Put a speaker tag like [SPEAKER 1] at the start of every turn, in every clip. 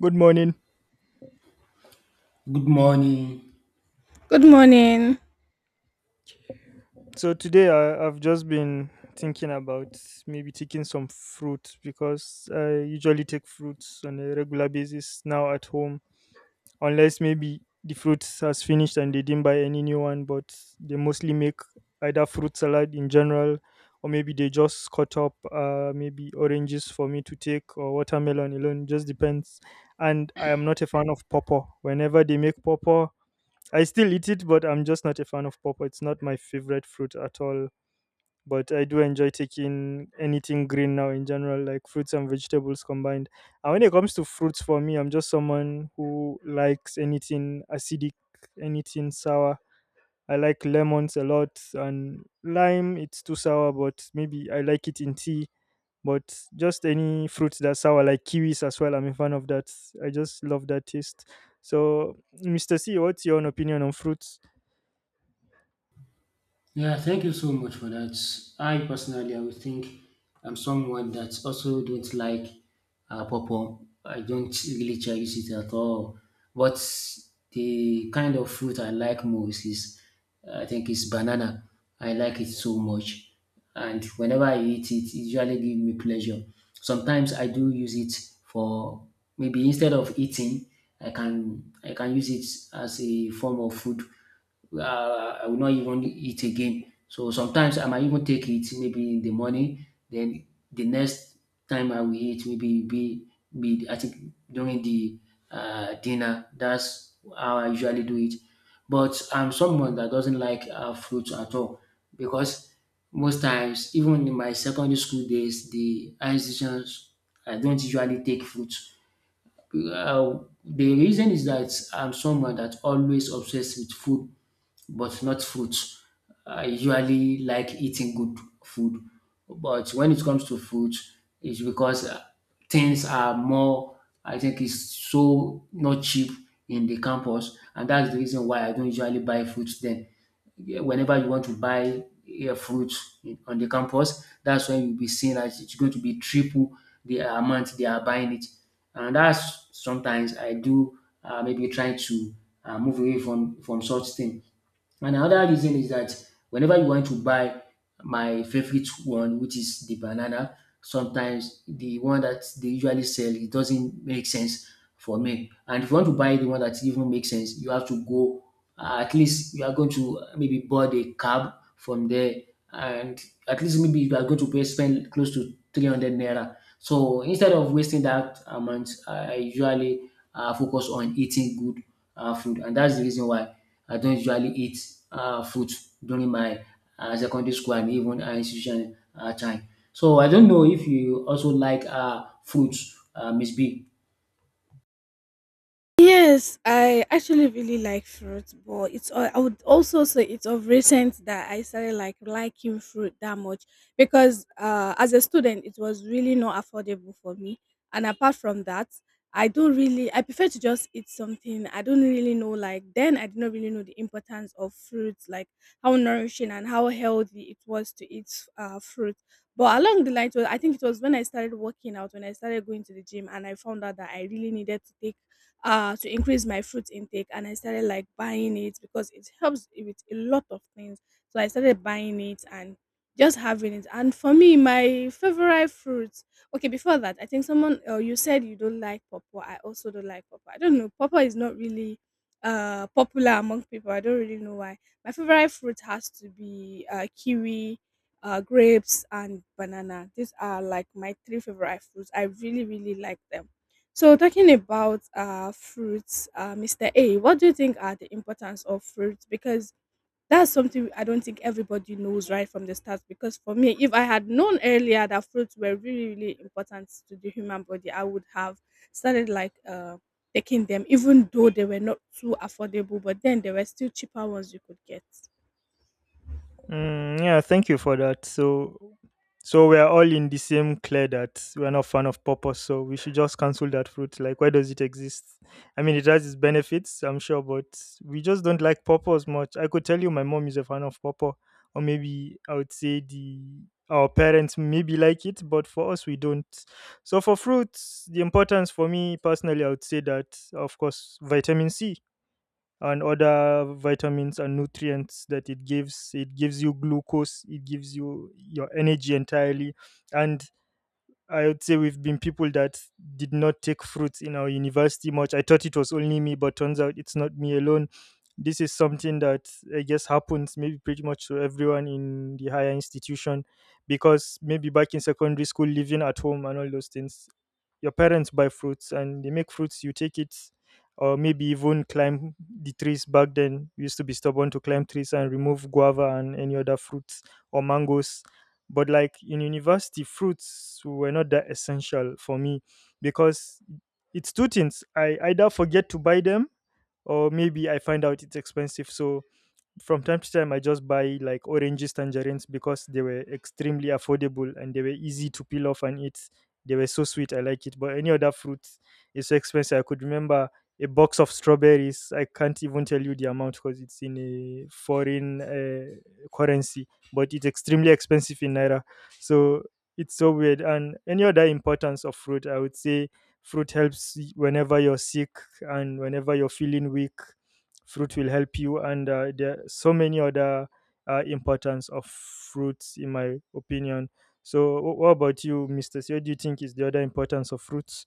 [SPEAKER 1] Good morning.
[SPEAKER 2] Good morning.
[SPEAKER 3] Good morning.
[SPEAKER 1] So today I've just been thinking about maybe taking some fruit because I usually take fruits on a regular basis now at home, unless maybe the fruit has finished and they didn't buy any new one. But they mostly make either fruit salad in general, or maybe they just cut up maybe oranges for me to take or watermelon alone. Just depends. And I am not a fan of pawpaw. Whenever they make pawpaw, I still eat it, but I'm just not a fan of pawpaw. It's not my favorite fruit at all. But I do enjoy taking anything green now in general, like fruits and vegetables combined. And when it comes to fruits, for me, I'm just someone who likes anything acidic, anything sour. I like lemons a lot, and lime, it's too sour, but maybe I like it in tea. But just any fruits that sour, like kiwis as well, I'm a fan of that. I just love that taste. So, Mr. C, what's your own opinion on fruits?
[SPEAKER 2] Yeah, thank you so much for that. I personally, I would think I'm someone that also don't like pawpaw. I don't really cherish it at all. But the kind of fruit I like most is, I think, is banana. I like it so much, and whenever I eat it, it usually gives me pleasure. Sometimes I do use it for maybe instead of eating, I can use it as a form of food I will not even eat again. So sometimes I might even take it maybe in the morning. Then the next time I will eat maybe be I think during the dinner. That's how I usually do it. But I'm someone that doesn't like fruits at all because most times, even in my secondary school days, the institutions I don't usually take fruits. Uh, the reason is that I'm someone that always obsessed with food but not fruits. I usually like eating good food, but when it comes to fruits, it's because things are more. I think it's so not cheap in the campus, and that's the reason why I don't usually buy fruits then. Yeah, whenever you want to buy a fruit on the campus, that's when you'll be seeing that it's going to be triple the amount they are buying it, and that's sometimes I do maybe try to move away from such things. And another reason is that whenever you want to buy my favorite one, which is the banana, sometimes the one that they usually sell, it doesn't make sense for me. And if you want to buy the one that even makes sense, you have to go, at least you are going to maybe board a cab from there. And at least maybe you are going to pay, spend close to 300 naira. So instead of wasting that amount, I usually focus on eating good food. And that's the reason why I don't usually eat fruit during my secondary school and even high institution time. So I don't know if you also like fruit Miss B?
[SPEAKER 3] Yes, I actually really like fruit, but it's al- I would also say it's of recent that I started liking fruit that much because as a student it was really not affordable for me. And apart from that, I don't really I prefer to just eat something. I don't really know then I did not really know the importance of fruits, like how nourishing and how healthy it was to eat fruit. But along the line, it was- I think it was when I started working out, when I started going to the gym, and I found out that I really needed to take to increase my fruit intake, and I started buying it because it helps with a lot of things. So I started buying it and just having it. And for me, my favorite fruit. Okay, before that, I think someone you said you don't like pawpaw. I also don't like pawpaw. I don't know. Pawpaw is not really popular among people. I don't really know why. My favorite fruit has to be kiwi, grapes and banana. These are like my three favorite fruits. I really really like them. So talking about fruits, Mr. A, what do you think are the importance of fruits? Because that's something I don't think everybody knows right from the start. Because for me, if I had known earlier that fruits were really, really important to the human body, I would have started taking them, even though they were not too affordable, but then there were still cheaper ones you could get.
[SPEAKER 1] Mm, yeah, thank you for that. So we're all in the same clear that we're not fan of purpose, so we should just cancel that fruit. Like, why does it exist? I mean, it has its benefits, I'm sure, but we just don't like purpose much. I could tell you my mom is a fan of purple, or maybe I would say the our parents maybe like it, but for us we don't. So for fruits, the importance for me personally, I would say that of course vitamin C and other vitamins and nutrients that it gives you glucose, it gives you your energy entirely, and I would say we've been people that did not take fruits in our university much. I thought it was only me, but turns out it's not me alone. This is something that I guess happens maybe pretty much to everyone in the higher institution because maybe back in secondary school, living at home and all those things, your parents buy fruits and they make fruits, you take it, or maybe even climb the trees. Back then, we used to be stubborn to climb trees and remove guava and any other fruits or mangoes, but like in university, fruits were not that essential for me because it's two things. I either forget to buy them or maybe I find out it's expensive. So from time to time I just buy like oranges, tangerines, because they were extremely affordable and they were easy to peel off and eat. They were so sweet, I like it. But any other fruit is so expensive. I could remember a box of strawberries, I can't even tell you the amount because it's in a foreign currency, but it's extremely expensive in naira. So it's so weird. And any other importance of fruit, I would say fruit helps whenever you're sick and whenever you're feeling weak, fruit will help you. And there are so many other importance of fruits in my opinion. So what about you, Mr. C? What do you think is the other importance of fruits?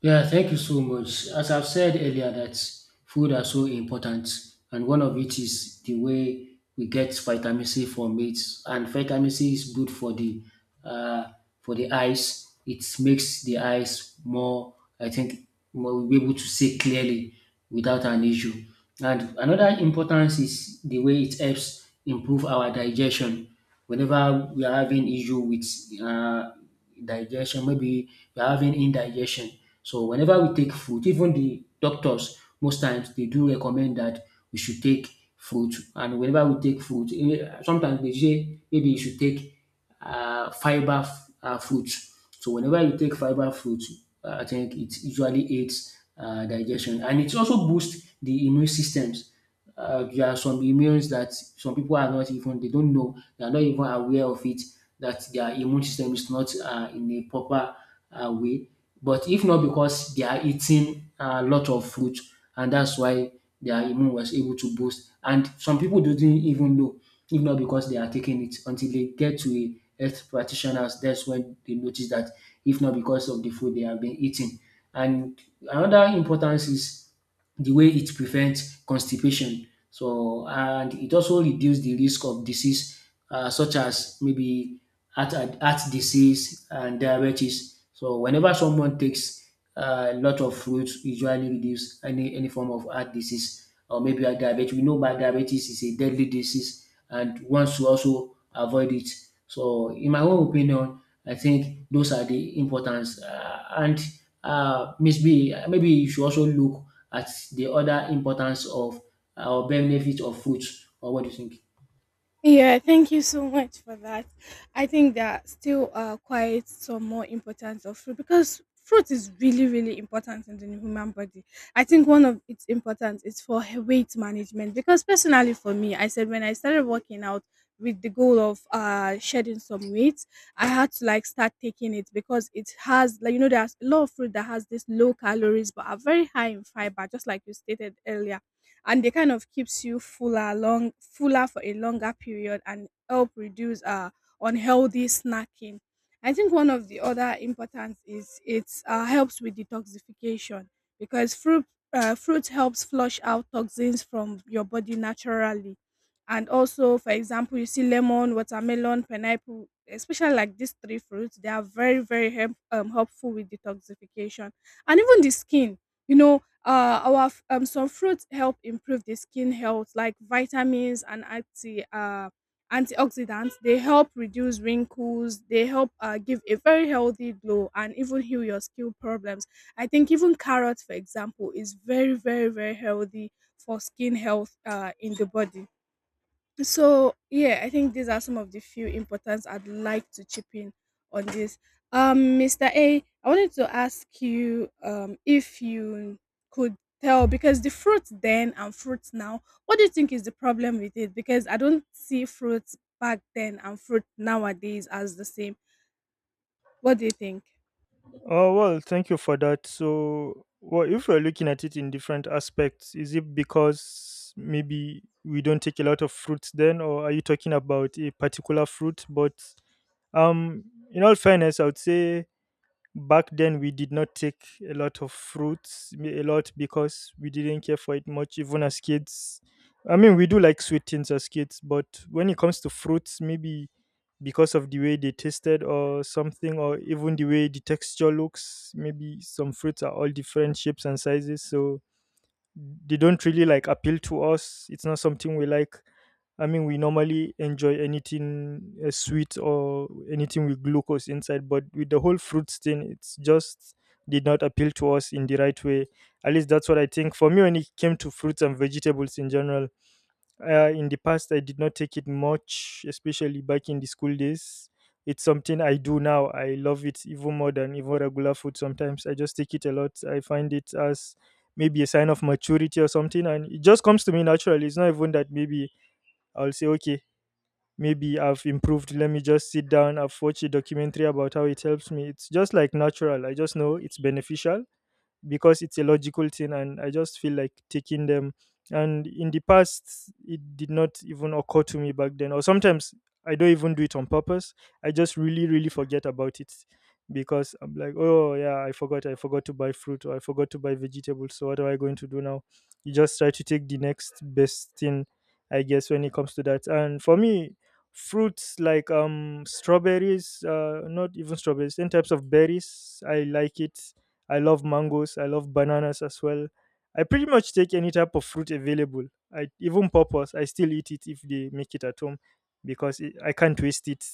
[SPEAKER 2] Yeah, thank you so much. As I've said earlier, that food are so important, and one of it is the way we get vitamin C from it. And vitamin C is good uh, for the eyes. It makes the eyes more, I think, more will be able to see clearly without an issue. And another importance is the way it helps improve our digestion whenever we are having issue with uh, digestion, maybe we are having indigestion. So whenever we take fruit, even the doctors most times they do recommend that we should take fruit. And whenever we take fruit, eh, sometimes they say maybe you should take fiber fruits. So whenever you take fiber fruit, I think it usually aids digestion and it also boosts the immune systems. There are some immunes that some people are not even they don't know they are not even aware of it that their immune system is not in a proper way. But if not because they are eating a lot of fruit, and that's why their immune was able to boost. And some people didn't even know, if not because they are taking it until they get to a health practitioners. That's when they notice that, if not because of the food they have been eating. And another importance is the way it prevents constipation. So, and it also reduces the risk of disease such as maybe heart disease and diabetes. So whenever someone takes a lot of fruits, usually reduce any form of heart disease or maybe a diabetes. We know that diabetes is a deadly disease and one should also avoid it. So in my own opinion, I think those are the importance. And Miss B, maybe you should also look at the other importance of or benefit of fruits. Or what do you think?
[SPEAKER 3] Yeah, thank you so much for that. I think that still are quite some more importance of fruit because fruit is really, really important in the human body. I think one of its importance is for he- weight management because personally for me, I said when I started working out with the goal of shedding some weight, I had to like start taking it because it has, like, you know, there's a lot of fruit that has this low calories but are very high in fiber, just like you stated earlier, and they kind of keeps you fuller for a longer period and help reduce unhealthy snacking. I think one of the other importance is it helps with detoxification because fruit helps flush out toxins from your body naturally, and also, for example, you see lemon, watermelon, pineapple, especially like these three fruits, they are very very helpful with detoxification. And even the skin, you know, some fruits help improve the skin health, like vitamins and antioxidants, they help reduce wrinkles, they help give a very healthy glow and even heal your skin problems. I think even carrot, for example, is very very very healthy for skin health in the body. So yeah, I think these are some of the few importance I'd like to chip in on this. Mr. A, I wanted to ask you if you could tell, because the fruit then and fruits now, what do you think is the problem with it? Because I don't see fruits back then and fruit nowadays as the same. What do you think?
[SPEAKER 1] Oh, well, thank you for that. So, well, if we're looking at it in different aspects, is it because maybe we don't take a lot of fruits then, or are you talking about a particular fruit? But um, in all fairness, I would say back then we did not take a lot of fruits a lot because we didn't care for it much even as kids. I mean, we do like sweet things as kids, but when it comes to fruits, maybe because of the way they tasted or something, or even the way the texture looks. Maybe some fruits are all different shapes and sizes, so they don't really like appeal to us. It's not something we like. I mean, we normally enjoy anything sweet or anything with glucose inside, but with the whole fruit thing, it's just did not appeal to us in the right way. At least that's what I think. For me, when it came to fruits and vegetables in general, in the past, I did not take it much, especially back in the school days. It's something I do now. I love it even more than even regular food sometimes. I just take it a lot. I find it as maybe a sign of maturity or something. And it just comes to me naturally. It's not even that maybe I'll say, okay, maybe I've improved. Let me just sit down. I've watched a documentary about how it helps me. It's just like natural. I just know it's beneficial because it's a logical thing, and I just feel like taking them. And in the past it did not even occur to me back then, or sometimes I don't even do it on purpose. I just really forget about it because I'm like, oh yeah, I forgot. I forgot to buy fruit, or I forgot to buy vegetables. So what am I going to do now? You just try to take the next best thing, I guess, when it comes to that. And for me, fruits like strawberries, not even strawberries, ten types of berries, I like it. I love mangoes. I love bananas as well. I pretty much take any type of fruit available. I even purpose. I still eat it if they make it at home because it, I can't waste it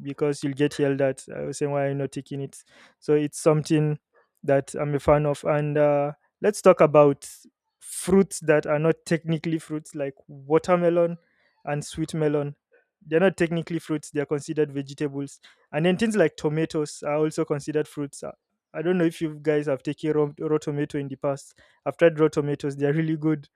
[SPEAKER 1] because you'll get yelled at. I was saying, why are you not taking it? So it's something that I'm a fan of. And let's talk about fruits that are not technically fruits, like watermelon and sweet melon. They're not technically fruits. They're considered vegetables. And then things like tomatoes are also considered fruits. I don't know if you guys have taken raw tomato in the past. I've tried raw tomatoes; they're really good.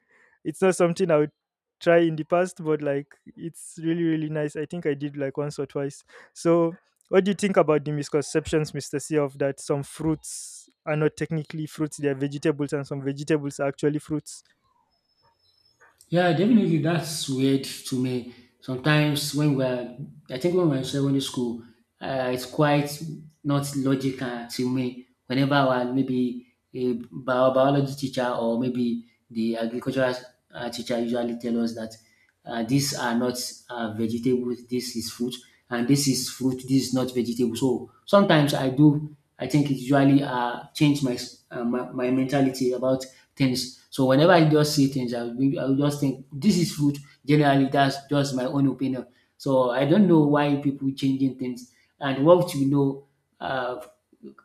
[SPEAKER 1] It's not something I would try in the past, but like it's really nice. I think I did like once or twice. So, what do you think about the misconceptions, Mister C, of that some fruits are not technically fruits; they are vegetables, and some vegetables are actually fruits?
[SPEAKER 2] Yeah, definitely. That's weird to me. Sometimes when we're, I think when we're in secondary school, it's quite not logical to me. Whenever our maybe a biology teacher or maybe the agricultural teacher usually tell us that these are not vegetables, this is fruit, and this is fruit, this is not vegetable. So sometimes I do, I think it usually change my, my mentality about things. So whenever I just see things, I will just think this is food. Generally, that's just my own opinion. So I don't know why people changing things and what we know uh,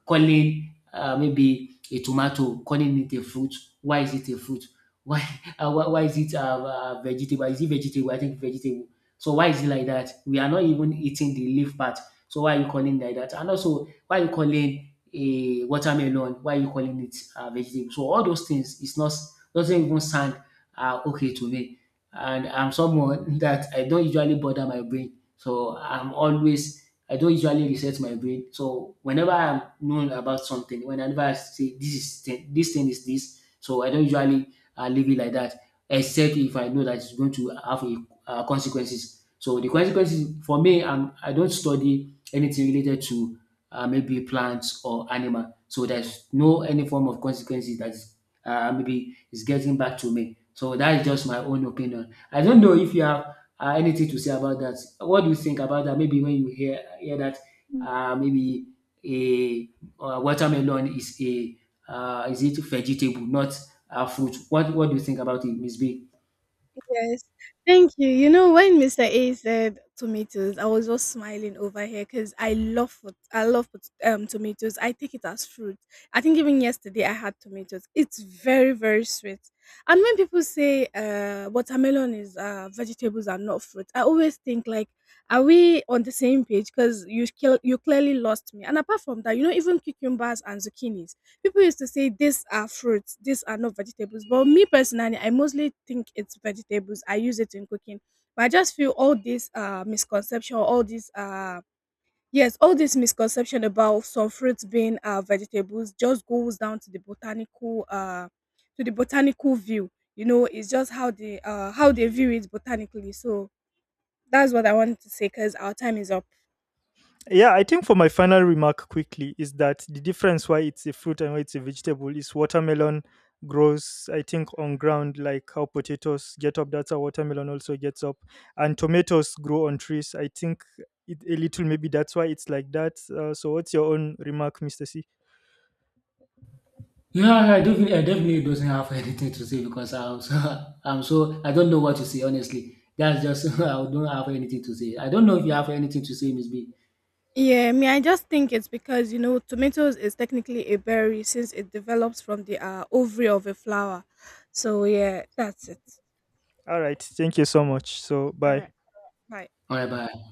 [SPEAKER 2] calling maybe a tomato, calling it a fruit. Why is it a fruit? Why why is it vegetable? Is it vegetable? I think vegetable. So why is it like that? We are not even eating the leaf part. So why are you calling like that? And also, why are you calling a watermelon? Why are you calling it vegetable? So all those things it's not doesn't even sound okay to me. And I'm someone that I don't usually bother my brain. So I'm always I don't usually reset my brain. So whenever I'm known about something, whenever I say this thing is this, so I don't usually leave it like that, except if I know that it's going to have a, consequences. So the consequences for me, I'm, I don't study anything related to maybe plants or animal. So there's no any form of consequences that is, maybe is getting back to me. So that is just my own opinion. I don't know if you have anything to say about that? What do you think about that? Maybe when you hear that, maybe a watermelon is a is it vegetable, not a fruit? What do you think about it, Miss B?
[SPEAKER 3] Yes. Thank you. You know, when Mr. A said tomatoes, I was just smiling over here because I love tomatoes. I take it as fruit. I think even yesterday I had tomatoes. It's very very sweet. And when people say watermelon is vegetables are not fruit, I always think like, are we on the same page? Because you clearly lost me. And apart from that, you know, even cucumbers and zucchinis. People used to say these are fruits, these are not vegetables. But me personally, I mostly think it's vegetables. I use it in cooking. But I just feel all this misconception, all this yes, all this misconception about some fruits being vegetables just goes down to the botanical view. You know, it's just how they view it botanically. So that's what I wanted to say because our time is up.
[SPEAKER 1] Yeah, I think for my final remark quickly is that the difference why it's a fruit and why it's a vegetable is watermelon grows, I think, on ground like how potatoes get up. That's how watermelon also gets up. And tomatoes grow on trees. I think it, a little maybe that's why it's like that. So, what's your own remark, Mr. C?
[SPEAKER 2] Yeah, I definitely doesn't have anything to say because I'm so, I'm so, I don't know what to say, honestly. That's just, I don't have anything to say. I don't know if you have anything to say, Miss B.
[SPEAKER 3] Yeah, I mean, I just think it's because, you know, tomatoes is technically a berry since it develops from the ovary of a flower. So, yeah, that's it.
[SPEAKER 1] All right. Thank you so much. So,
[SPEAKER 3] All right.
[SPEAKER 1] bye.
[SPEAKER 3] Bye.
[SPEAKER 2] All right, bye.